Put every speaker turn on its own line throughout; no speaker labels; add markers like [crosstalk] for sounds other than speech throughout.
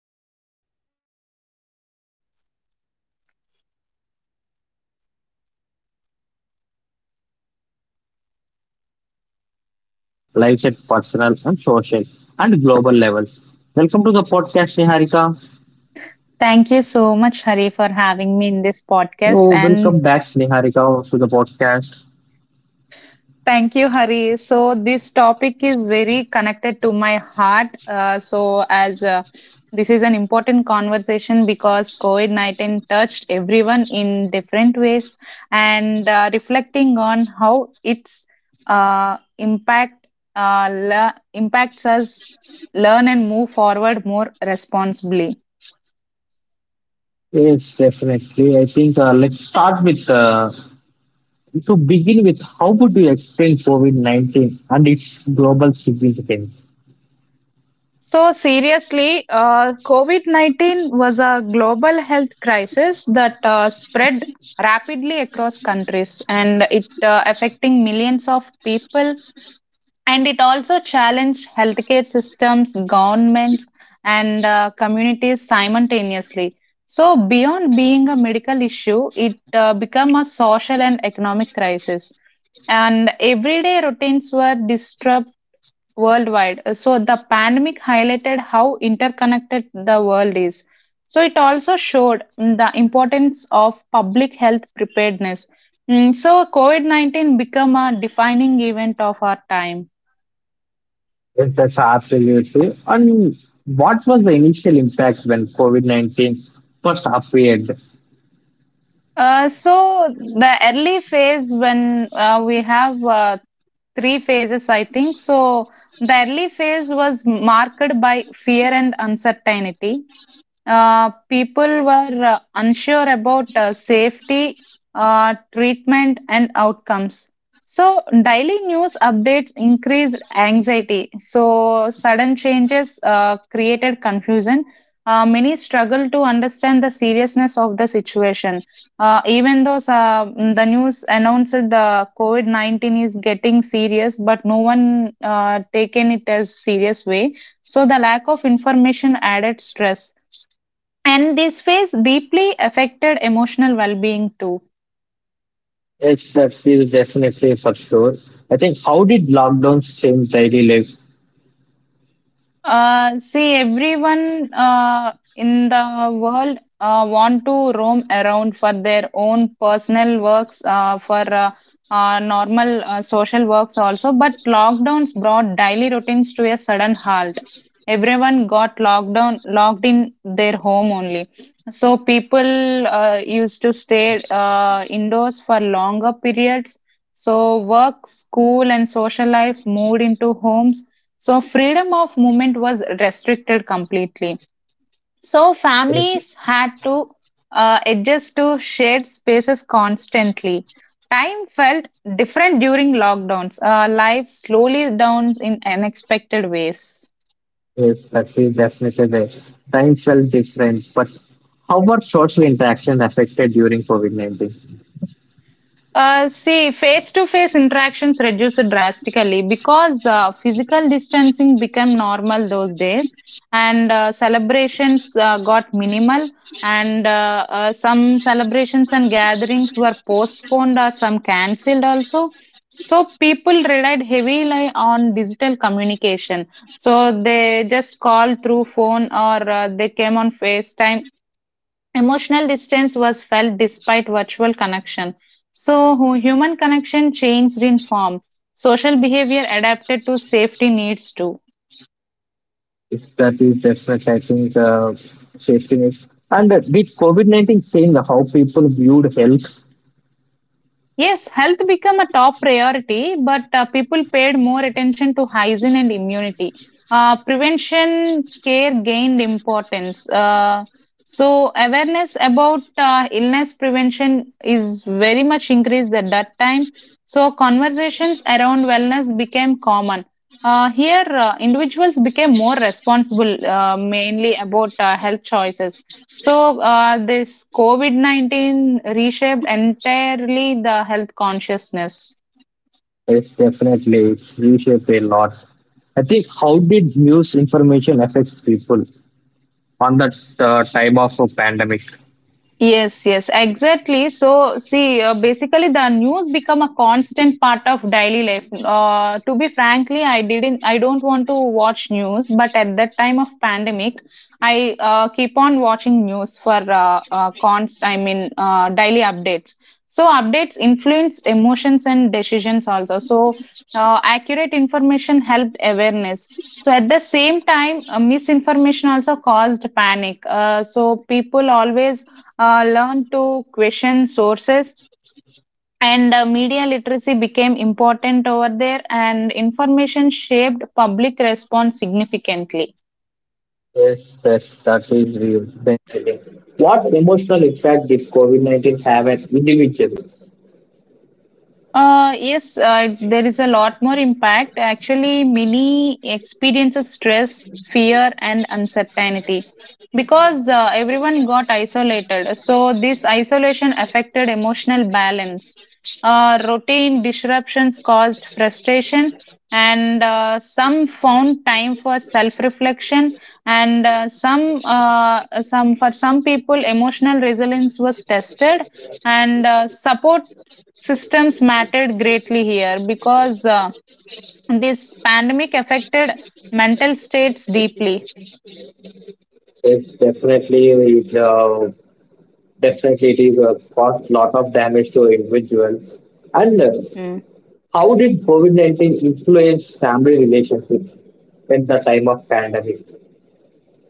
to help us understand these changes in a thoughtful and grounded way, I'm joined by Niharika, who will share insights on how COVID 19 reshapes lives at personal and social and global levels. Welcome to the podcast, Niharika.
Thank you so much, Hari, for having me in this podcast.
Oh, welcome
And
back, Niharika, to the podcast.
thank you, Hari. So, this topic is very connected to my heart. So, as This is an important conversation because COVID 19 touched everyone in different ways, and reflecting on how its impact impacts us learn and move forward more responsibly.
Yes, definitely. I think let's start with to begin with. How would you explain COVID 19 and its global significance?
So, seriously, COVID 19 was a global health crisis that spread rapidly across countries, and it affecting millions of people. And it also challenged healthcare systems, governments, and communities simultaneously. So, beyond being a medical issue, it became a social and economic crisis, and everyday routines were disturbed worldwide. So the pandemic highlighted how interconnected the world is. So it also showed, the importance of public health preparedness. So COVID-19 became a defining event of our time.
Yes, that's absolutely. And what was the initial impact when COVID 19 first appeared?
So the early phase, when we have three phases, I think. So the early phase was marked by fear and uncertainty. People were unsure about safety, treatment, and outcomes. So, daily news updates increased anxiety. So, sudden changes created confusion. Many struggled to understand the seriousness of the situation. Even though the news announced COVID 19 is getting serious, but no one taken it as serious way. So, the lack of information added stress, and this phase deeply affected emotional well being too.
Yes, that is definitely for sure. I think how did lockdowns change daily life?
See, everyone in the world want to roam around for their own personal works, for normal social works also. But lockdowns brought daily routines to a sudden halt. Everyone got locked down, locked in their home only. So people used to stay indoors for longer periods. So work, school, and social life moved into homes, so freedom of movement was restricted completely. So,
Yes,
families had to adjust to shared spaces constantly. Time felt different during lockdowns. Life slowly down in unexpected ways.
yes, that is definitely there. Time felt different, but how were social interaction affected during COVID 19?
See, face to face interactions reduced drastically because physical distancing became normal those days, and celebrations got minimal, and some celebrations and gatherings were postponed or some cancelled also. So people relied heavily on digital communication. So they just called through phone, or they came on FaceTime. Emotional distance was felt despite virtual connection. So human connection changed in form. Social behavior adapted to safety needs too.
Yes, that is definitely, I think, safety nets. And did COVID 19 change how people viewed health?
Yes, health became a top priority, but people paid more attention to hygiene and immunity. Prevention care gained importance. So awareness about illness prevention is very much increased at that time. So conversations around wellness became common. Here, individuals became more responsible, mainly about health choices, so this COVID 19 reshaped entirely the health consciousness.
Yes, definitely. It's reshaped a lot. I think how did news information affect people on that time of a pandemic?
Yes, yes, exactly. So, see, basically, the news become a constant part of daily life. To be frankly, I don't want to watch news, but at that time of pandemic, I keep on watching news for const. I mean, daily updates. So, updates influenced emotions and decisions also. So, accurate information helped awareness. So at the same time, misinformation also caused panic. So people always learned to question sources, and media literacy became important over there, and information shaped public response significantly.
Yes, yes, that is real. Definitely. What emotional impact did COVID 19 have on individuals?
Yes, there is a lot more impact. Actually, many experiences stress, fear, and uncertainty because everyone got isolated. So, this isolation affected emotional balance. Routine disruptions caused frustration, and some found time for self-reflection, and some people, emotional resilience was tested, and support systems mattered greatly here because this pandemic affected mental states deeply.
Yes, definitely. Definitely, it is caused lot of damage to individuals. And
Mm.
how did COVID 19 influence family relationships in the time of pandemic?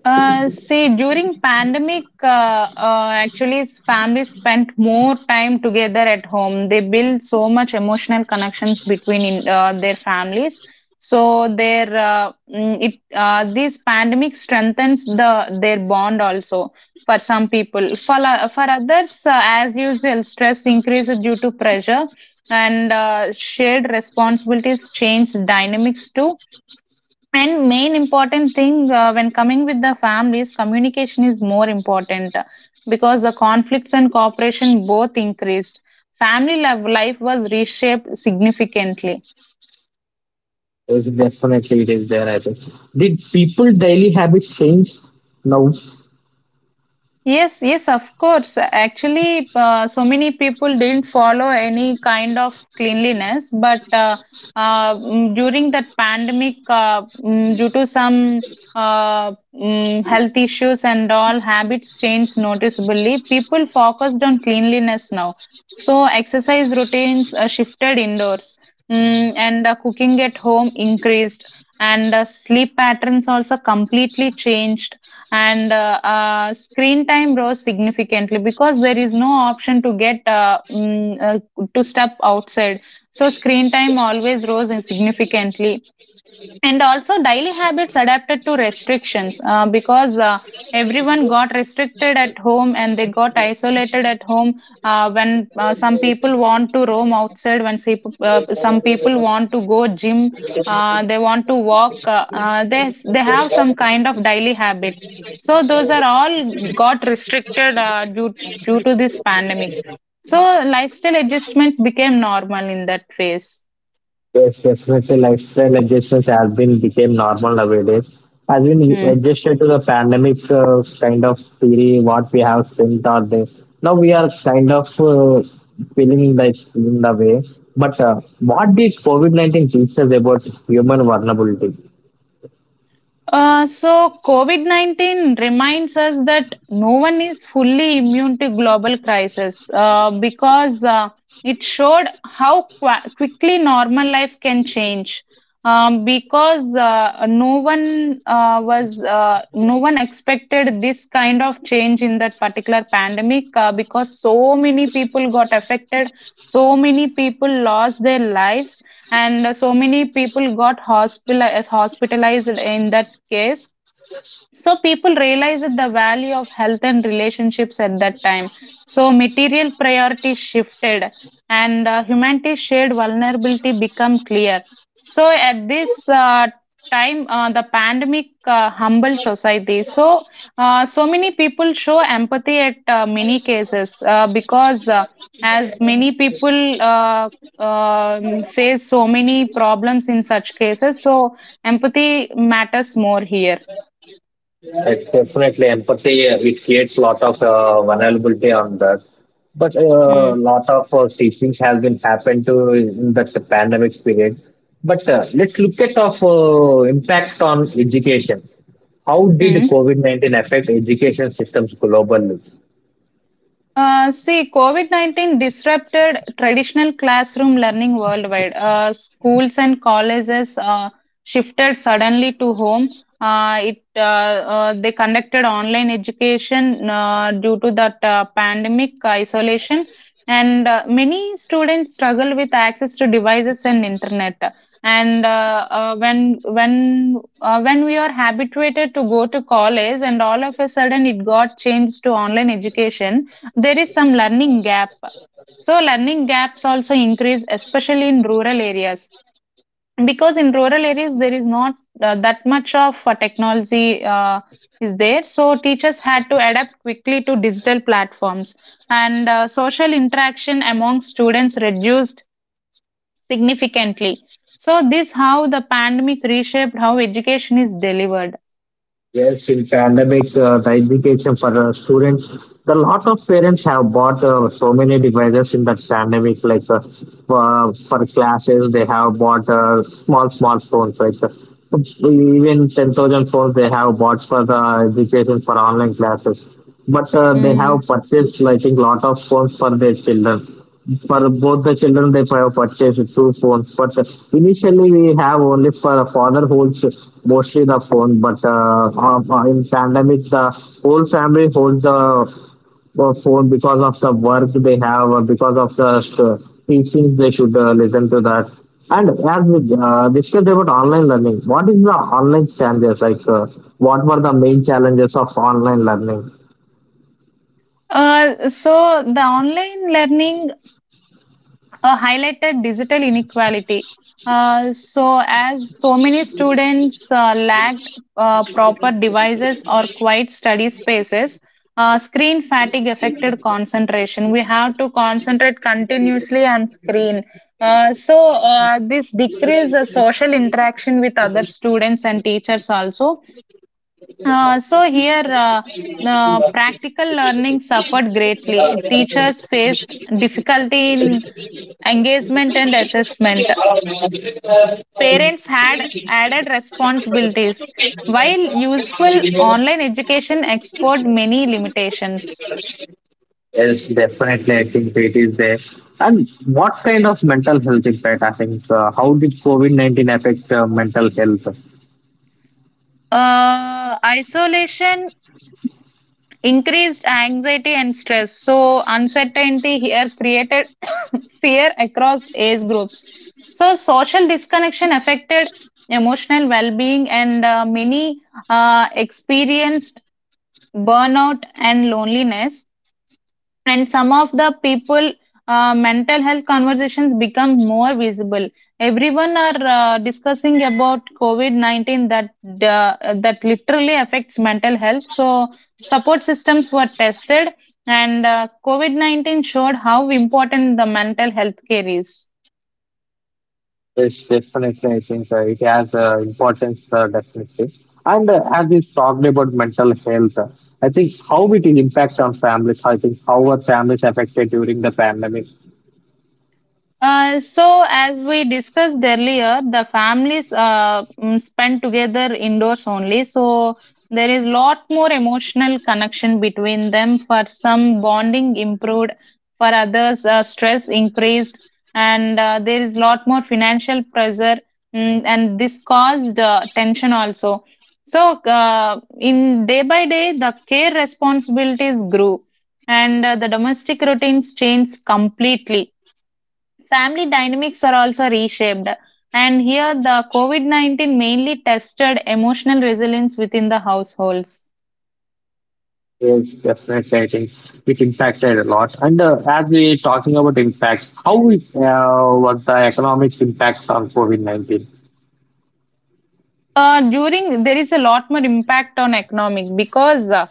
See, during pandemic, actually, families spent more time together at home. They build so much emotional connections between in, their families. So their mm, it this pandemic strengthens their bond also for some people. For others, as usual, stress increases due to pressure, and shared responsibilities change dynamics too, and main important thing, when coming with the families, communication is more important, because the conflicts and cooperation both increased. Family love life was reshaped significantly.
Yes, definitely it is there, I think. Did people daily habits change now?
Yes, yes, of course. Actually, so many people didn't follow any kind of cleanliness, but during that pandemic, due to some health issues and all, habits changed noticeably. People focused on cleanliness now. So, exercise routines shifted indoors, and cooking at home increased, and sleep patterns also completely changed, and screen time rose significantly because there is no option to get to step outside. So screen time always rose significantly, and also daily habits adapted to restrictions, because everyone got restricted at home and they got isolated at home. When some people want to roam outside, when some people want to go gym, they want to walk, they have some kind of daily habits, so those are all got restricted due to this pandemic. So lifestyle adjustments became normal in that phase.
Yes, definitely lifestyle adjustments have been became normal nowadays. Has been
Hmm.
adjusted to the pandemic kind of theory, what we have spent our day. Now we are kind of feeling like in the way. But what did COVID-19 teach us about human vulnerability?
Uh, so, COVID 19 reminds us that no one is fully immune to global crisis, because it showed how quickly normal life can change. Because no one expected this kind of change in that particular pandemic, because so many people got affected, so many people lost their lives, and so many people got hospitalized in that case. So people realized the value of health and relationships at that time. So material priorities shifted, and humanity's shared vulnerability become clear. So at this time, the pandemic humbled society. So so many people show empathy at many cases, because as many people, face so many problems in such cases, so empathy matters more here.
It's definitely empathy. It creates a lot of vulnerability on that. But a
Hmm.
lot of teachings have been happened to in that the pandemic period. But let's look at of impact on education. How did
Hmm.
COVID 19 affect education systems globally?
See, COVID 19 disrupted traditional classroom learning worldwide. Schools and colleges shifted suddenly to home. It They conducted online education due to that pandemic isolation, and many students struggle with access to devices and internet. And when we are habituated to go to college, and all of a sudden it got changed to online education, there is some learning gap, so learning gaps also increase, especially in rural areas, because in rural areas there is not that much of technology is there. So teachers had to adapt quickly to digital platforms, and social interaction among students reduced significantly. So this how the pandemic reshaped how education is delivered.
Yes, in pandemic, the education for the students, the lot of parents have bought so many devices in that pandemic. Like for classes, they have bought small smartphones. Like even 10,000 phones they have bought for the education for online classes. But they have
Mm.
purchased, I think, lot of phones for their children for both the children they have purchased two phones but initially we have only for father holds mostly the phone but in pandemic the whole family holds the phone because of the work they have or because of the uh, teachings they should listen to that. And as we discussed about online learning, what is the online challenges, like what were the main challenges of online learning?
So the online learning highlighted digital inequality. So, as so many students lacked proper devices or quiet study spaces, screen fatigue affected concentration. We have to concentrate continuously on screen. This decreased the social interaction with other students and teachers also. So, here Practical learning suffered greatly. Teachers faced difficulty in engagement and assessment. Parents had added responsibilities, while useful online education exposed many limitations.
Yes, definitely. I think it is there. And what kind of mental health impact? I think how did COVID 19 affect mental health?
Isolation increased anxiety and stress, so uncertainty here created [coughs] fear across age groups. So, social disconnection affected emotional well being, and many experienced burnout and loneliness. And some of the people, mental health conversations become more visible. Everyone are discussing about covid-19 that that literally affects mental health, so support systems were tested, and covid-19 showed how important the mental health care is.
Yes, definitely. I think it has importance, definitely. And as we talked about mental health, I think how it impacts on families. I think how were families affected during the pandemic?
So, as we discussed earlier, the families, spend together indoors only. So, there is lot more emotional connection between them. For some, bonding improved. For others, stress increased, and there is lot more financial pressure, and this caused tension also. So, in day by day, the care responsibilities grew, and the domestic routines changed completely. Family dynamics are also reshaped. And here, the COVID 19 mainly tested emotional resilience within the households.
Yes, definitely. I think it impacted a lot. And as we talking about impact, how is what the economic impacts on COVID 19?
During there is a lot more impact on economic, because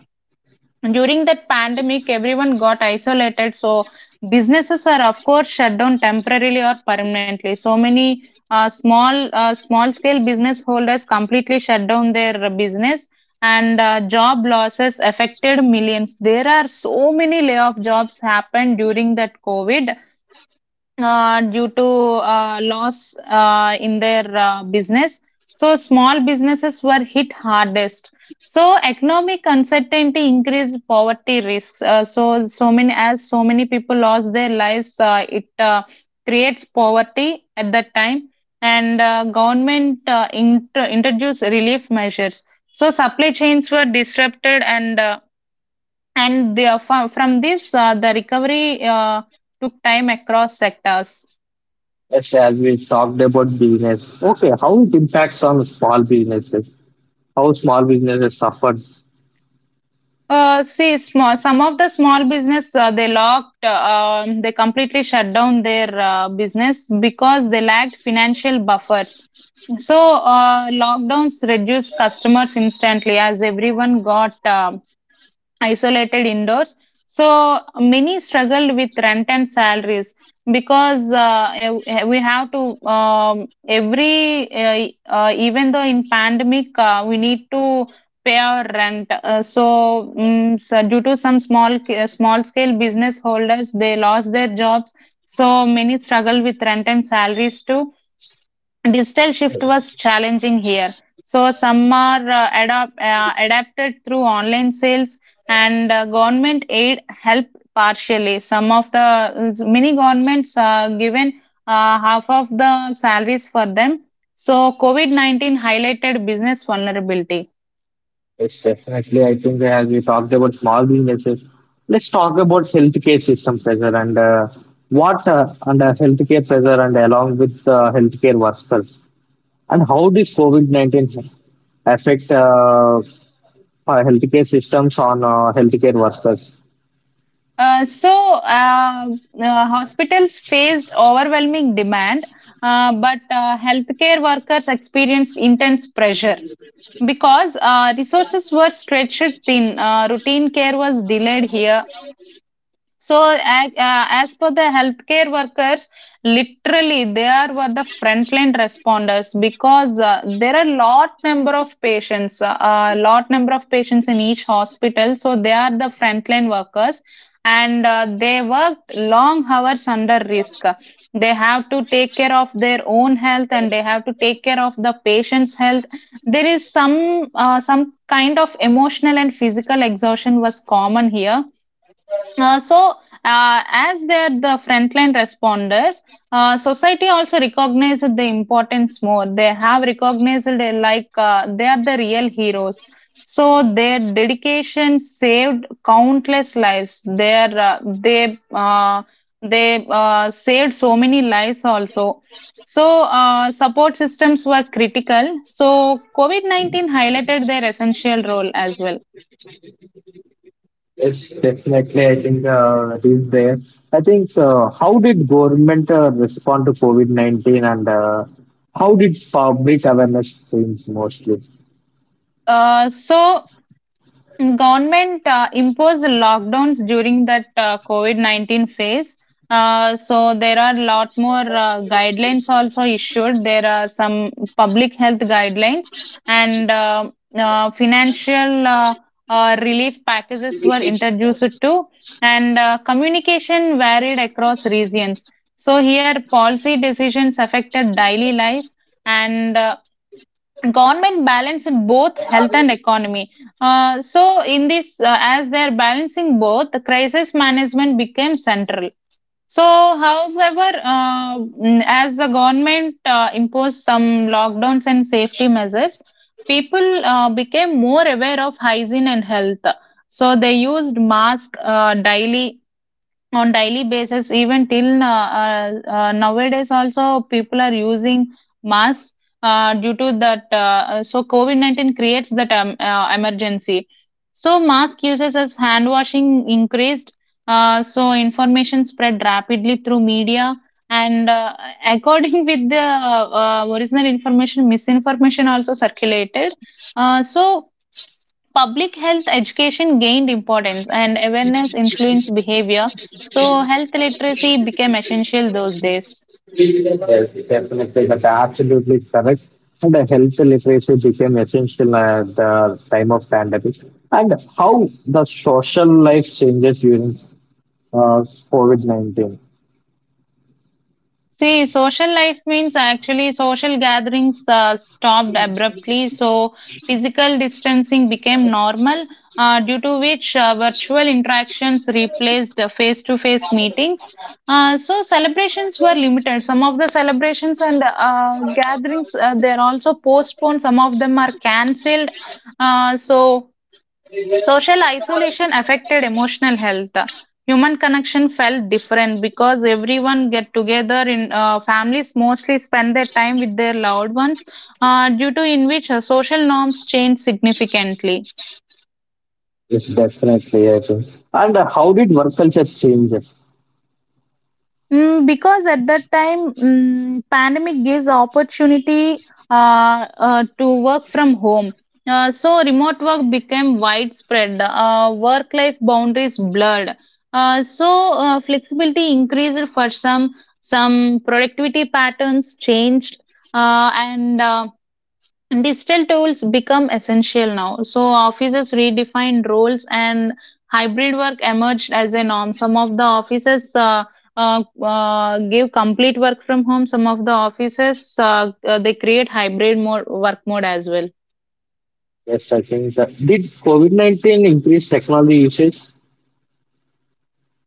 during that pandemic everyone got isolated, so businesses are of course shut down temporarily or permanently. So many small scale business holders completely shut down their business, and job losses affected millions. There are so many layoff jobs happened during that covid, due to loss in their business. So, small businesses were hit hardest. So, economic uncertainty increased poverty risks. So, so many as so many people lost their lives, it creates poverty at that time. And government introduced relief measures. So, supply chains were disrupted, and the, from this, the recovery took time across sectors.
Yes, as we talked about business. Okay, how it impacts on small businesses, how small businesses suffered.
See, small some of the small business, they locked. They completely shut down their business because they lacked financial buffers. So, lockdowns reduced customers instantly as everyone got isolated indoors. So many struggled with rent and salaries because ev- we have to every even though in pandemic, we need to pay our rent. So, due to some small scale business holders, they lost their jobs. So many struggle with rent and salaries too. Digital shift was challenging here. So some are adapted through online sales, and government aid helped partially. Some of the many governments given half of the salaries for them. So COVID-19 highlighted business vulnerability.
Yes, definitely. I think as we talked about small businesses, let's talk about healthcare system pressure and what under healthcare pressure and along with healthcare workers and how this COVID 19 affect our healthcare systems on healthcare workers.
Uh, so uh, Hospitals faced overwhelming demand, but healthcare workers experienced intense pressure. Because resources were stretched thin, routine care was delayed here, so, as per the healthcare workers, literally they are were the frontline responders because there are lot number of patients, a lot number of patients in each hospital. So they are the frontline workers, and they worked long hours under risk. They have to take care of their own health, and they have to take care of the patient's health. There is some kind of emotional and physical exhaustion was common here. uh, so, as they're the frontline responders, society also recognized the importance more. They have recognized it like they are the real heroes. So their dedication saved countless lives. Their they saved so many lives also. So support systems were critical. So COVID-19 highlighted their essential role as well.
Yes, definitely. I think it is there. I think how did government respond to COVID 19 and how did public awareness change mostly?
Uh, so Government imposed lockdowns during that COVID-19 phase. So there are lot more guidelines also issued. There are some public health guidelines, and financial relief packages were introduced too. And communication varied across regions. So here policy decisions affected daily life, and government balance in both health and economy. So in this As they are balancing both, the crisis management became central. So however, as the government imposed some lockdowns and safety measures, people became more aware of hygiene and health. So they used mask daily, on daily basis. Even till nowadays also people are using masks due to that. So COVID-19 creates that emergency. So mask uses as hand washing increased. So information spread rapidly through media, and according [laughs] with the original information, misinformation also circulated. So public health education gained importance, and awareness influenced behavior. So health literacy became essential those days.
Yes, definitely. That's absolutely correct. And the health literacy became essential at the time of pandemic. And how the social life changes during uh, COVID 19?
See, social life means actually social gatherings stopped abruptly, so physical distancing became normal, due to which virtual interactions replaced face to face meetings. Celebrations were limited. Some of the celebrations and gatherings, they're also postponed, some of them are cancelled. Uh, so, Social isolation affected emotional health. Human connection felt different because everyone get together in families, mostly spend their time with their loved ones, due to in which social norms changed significantly.
Yes, definitely. I think. And how did work culture change?
Because at that time, pandemic gives opportunity to work from home. So remote work became widespread. Work-life boundaries blurred. Flexibility increased for some. Some productivity patterns changed, and digital tools become essential now. So offices redefined roles, and hybrid work emerged as a norm. Some of the offices give complete work from home. Some of the offices, they create hybrid more work mode as well.
Yes, I think that did COVID-19 increase technology usage?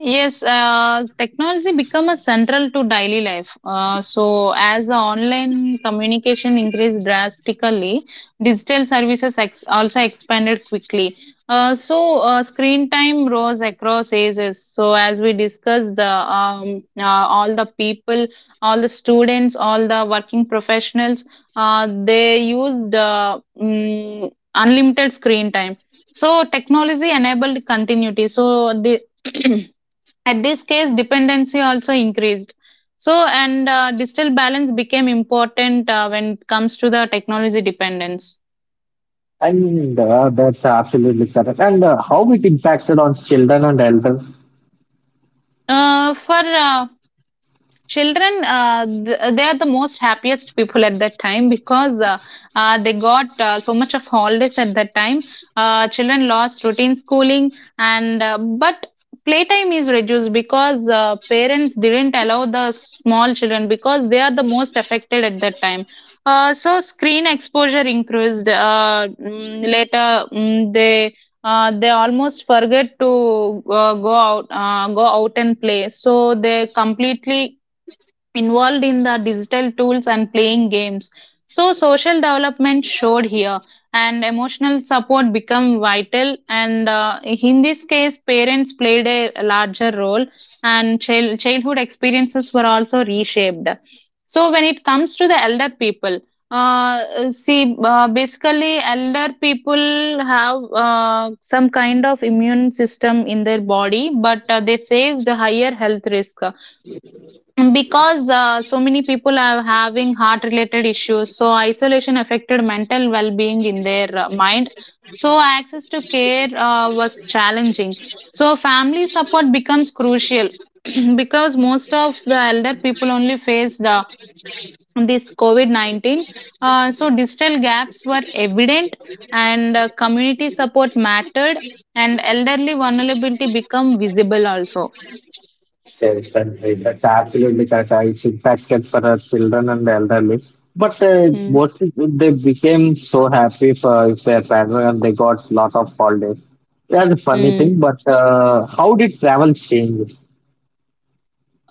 Yes, technology become a central to daily life. So as the online communication increased drastically, digital services also expanded quickly. Screen time rose across ages. So as we discussed, the all the people, all the students, all the working professionals, they used unlimited screen time. So technology enabled continuity. So the [clears throat] At this case, dependency also increased. So, and digital balance became important when it comes to the technology dependence.
And that's absolutely correct. And how it impacted on children and elderly?
For children, they are the most happiest people at that time because they got so much of holidays at that time. Children lost routine schooling, and but playtime is reduced because parents didn't allow the small children because they are the most affected at that time. So screen exposure increased. Later, they almost forget to go out and play, so they completely involved in the digital tools and playing games. So social development showed here, and emotional support become vital. And in this case, parents played a larger role, and childhood experiences were also reshaped. So when it comes to the elder people, see, basically, elder people have some kind of immune system in their body, but they faced higher health risk, because so many people are having heart related issues, so isolation affected mental well being in their mind. So access to care was challenging. So family support becomes crucial, [clears throat] because most of the elder people only faced this COVID-19. So digital gaps were evident, and community support mattered, and elderly vulnerability become visible also.
Yes, and that's absolutely correct. It's impacted for our children and elderly. But
Hmm.
what if they became so happy for if their parents and they got lot of holidays. That's a funny
Hmm.
thing. But how did travel change?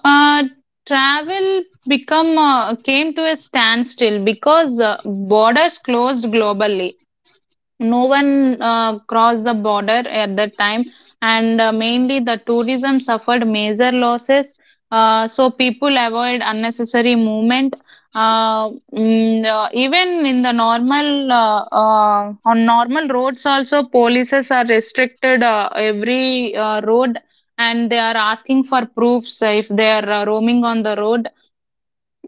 Uh, Travel become came to a standstill because borders closed globally. No one crossed the border at that time, and mainly the tourism suffered major losses. So people avoid unnecessary movement. Even in the normal on normal roads also polices are restricted every road, and they are asking for proofs if they are roaming on the road.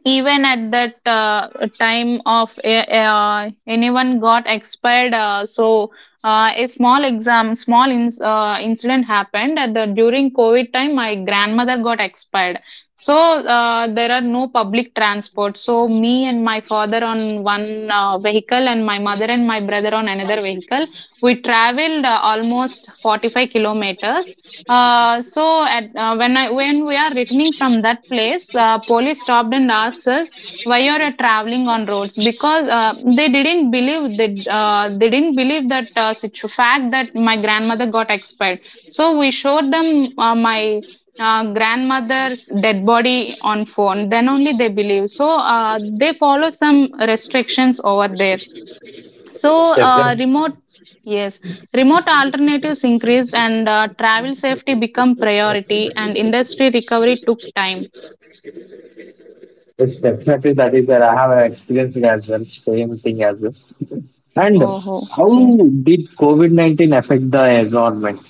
Even at that time, anyone got expired. A small ins incident happened at the during covid time, my grandmother got expired. So there are no public transport, so me and my father on one vehicle, and my mother and my brother on another vehicle, we traveled almost 45 kilometers. When I when we are returning from that place, police stopped and asked us why you are traveling on roads, because they didn't believe that fact that my grandmother got expired. So we showed them my grandmother's dead body on phone. Then only they believe. So they follow some restrictions over there. So,
It's
uh,
definitely,
remote, yes, remote alternatives increased, and travel safety become priority, and industry recovery took time.
it's definitely that is where I have experienced it as well. Same thing as well. And
Oh,
how
okay.
did COVID 19 affect the environment?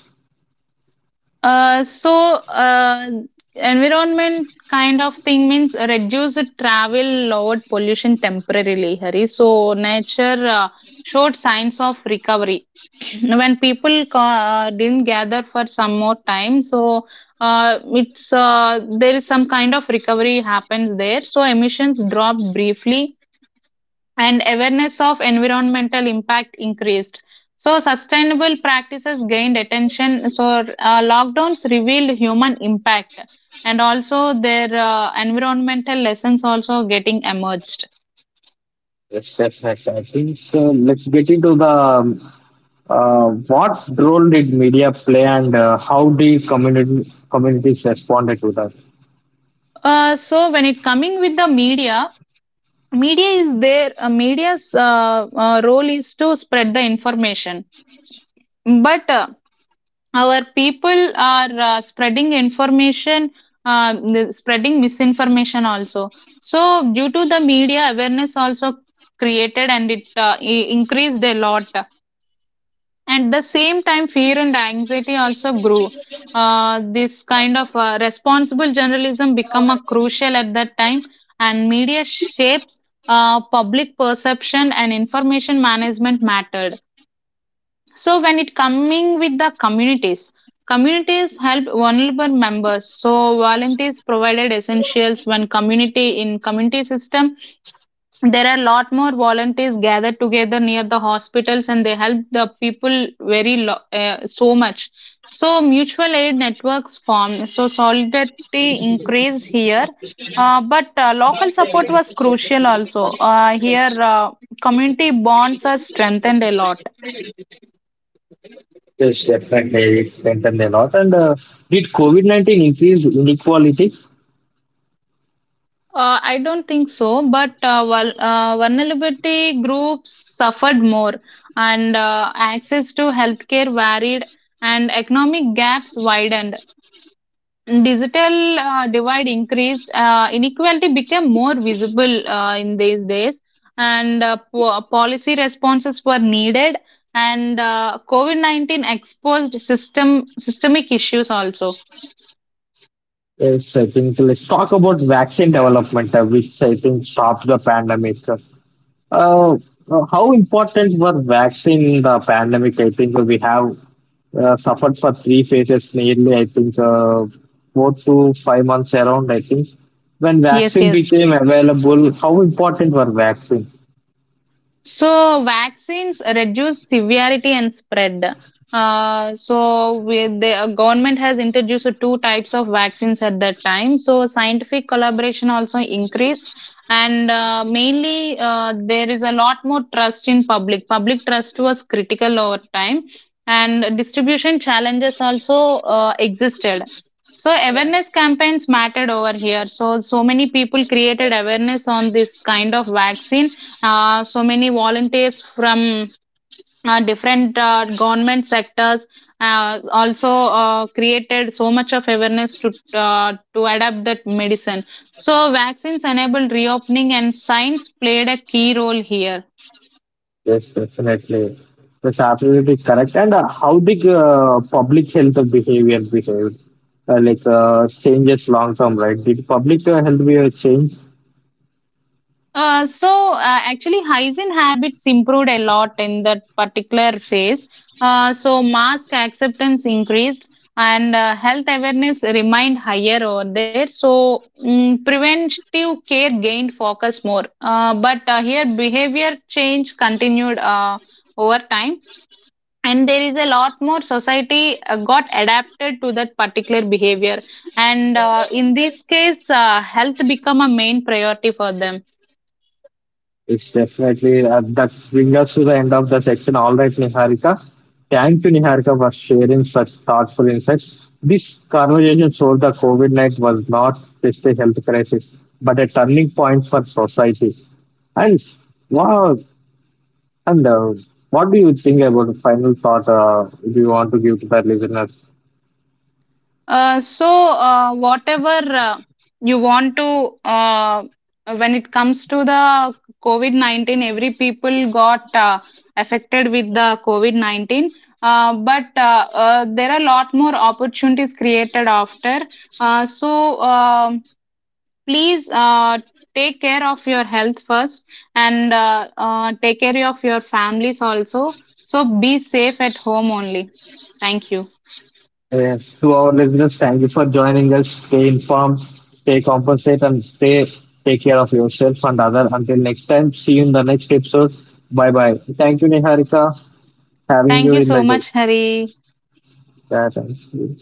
Uh, so, uh, Environment kind of thing means reduced travel, lowered pollution temporarily, Hari. So, nature showed signs of recovery. Mm-hmm. When people didn't gather for some more time, so it's there is some kind of recovery happens there, so emissions dropped briefly, and awareness of environmental impact increased. So sustainable practices gained attention. So lockdowns revealed human impact, and also their environmental lessons also getting emerged.
Yes, definitely. I think let's get into the what role did media play and how did communities responded to that?
So when it coming with the media, media is there media's role is to spread the information. But our people are spreading information, spreading misinformation also. So due to the media, awareness also created, and it increased a lot. At the same time, fear and anxiety also grew. This kind of responsible journalism become a crucial at that time, and media shapes public perception, and information management mattered. So when it coming with the communities, communities helped vulnerable members. So volunteers provided essentials. When community in community system, there are a lot more volunteers gathered together near the hospitals, and they help the people very so much. So mutual aid networks formed. So solidarity increased here. But local support was crucial also. Here, community bonds are strengthened a lot.
Yes, definitely. It strengthened a lot. And did COVID 19 increase inequality?
I don't think so, but vulnerability groups suffered more, and access to healthcare varied, and economic gaps widened. Digital divide increased. Inequality became more visible in these days, and policy responses were needed, and COVID-19 exposed systemic issues also.
Yes, I think let's talk about vaccine development, which I think stopped the pandemic. Uh, how important were vaccine in the pandemic? I think we have suffered for three phases nearly, I think, 4 to 5 months around, I think. When
Yes,
vaccine
yes.
became available, how important were vaccines?
So vaccines reduce severity and spread. So with the Government has introduced two types of vaccines at that time. So scientific collaboration also increased, and mainly there is a lot more trust in public. Public trust was critical over time, and distribution challenges also existed. So awareness campaigns mattered over here. So so many people created awareness on this kind of vaccine. So many volunteers from different government sectors also created so much of awareness to adapt that medicine. So vaccines enabled reopening, and science played a key role here.
Yes, definitely. That's absolutely correct. And how the public health of behavior behaved, changes long term, right? Did public health behavior change?
Uh, so uh, Actually, hygiene habits improved a lot in that particular phase. So mask acceptance increased, and health awareness remained higher over there. So preventive care gained focus more. But here behavior change continued over time, and there is a lot more society got adapted to that particular behavior, and in this case health become a main priority for them.
It's definitely that brings us to the end of the section. All right, Niharika. Thank you, Niharika, for sharing such thoughtful insights. This conversation showed that COVID 19 was not just a health crisis, but a turning point for society. And wow, and what do you think about final thought, do you want to give to the listeners?
Whatever you want to, when it comes to the COVID-19, every people got affected with the COVID-19. But there are a lot more opportunities created after. So, please take care of your health first, and take care of your families also. So, be safe at home only. Thank you.
Yes, to our listeners, thank you for joining us. Stay informed, stay compensated, and stay take care of yourself and other. Until next time, see you in the next episode. Bye bye. Thank you, Niharika, having
Thank
you
you
in the
so much,
ghost.
Hari.
Yeah, thank you.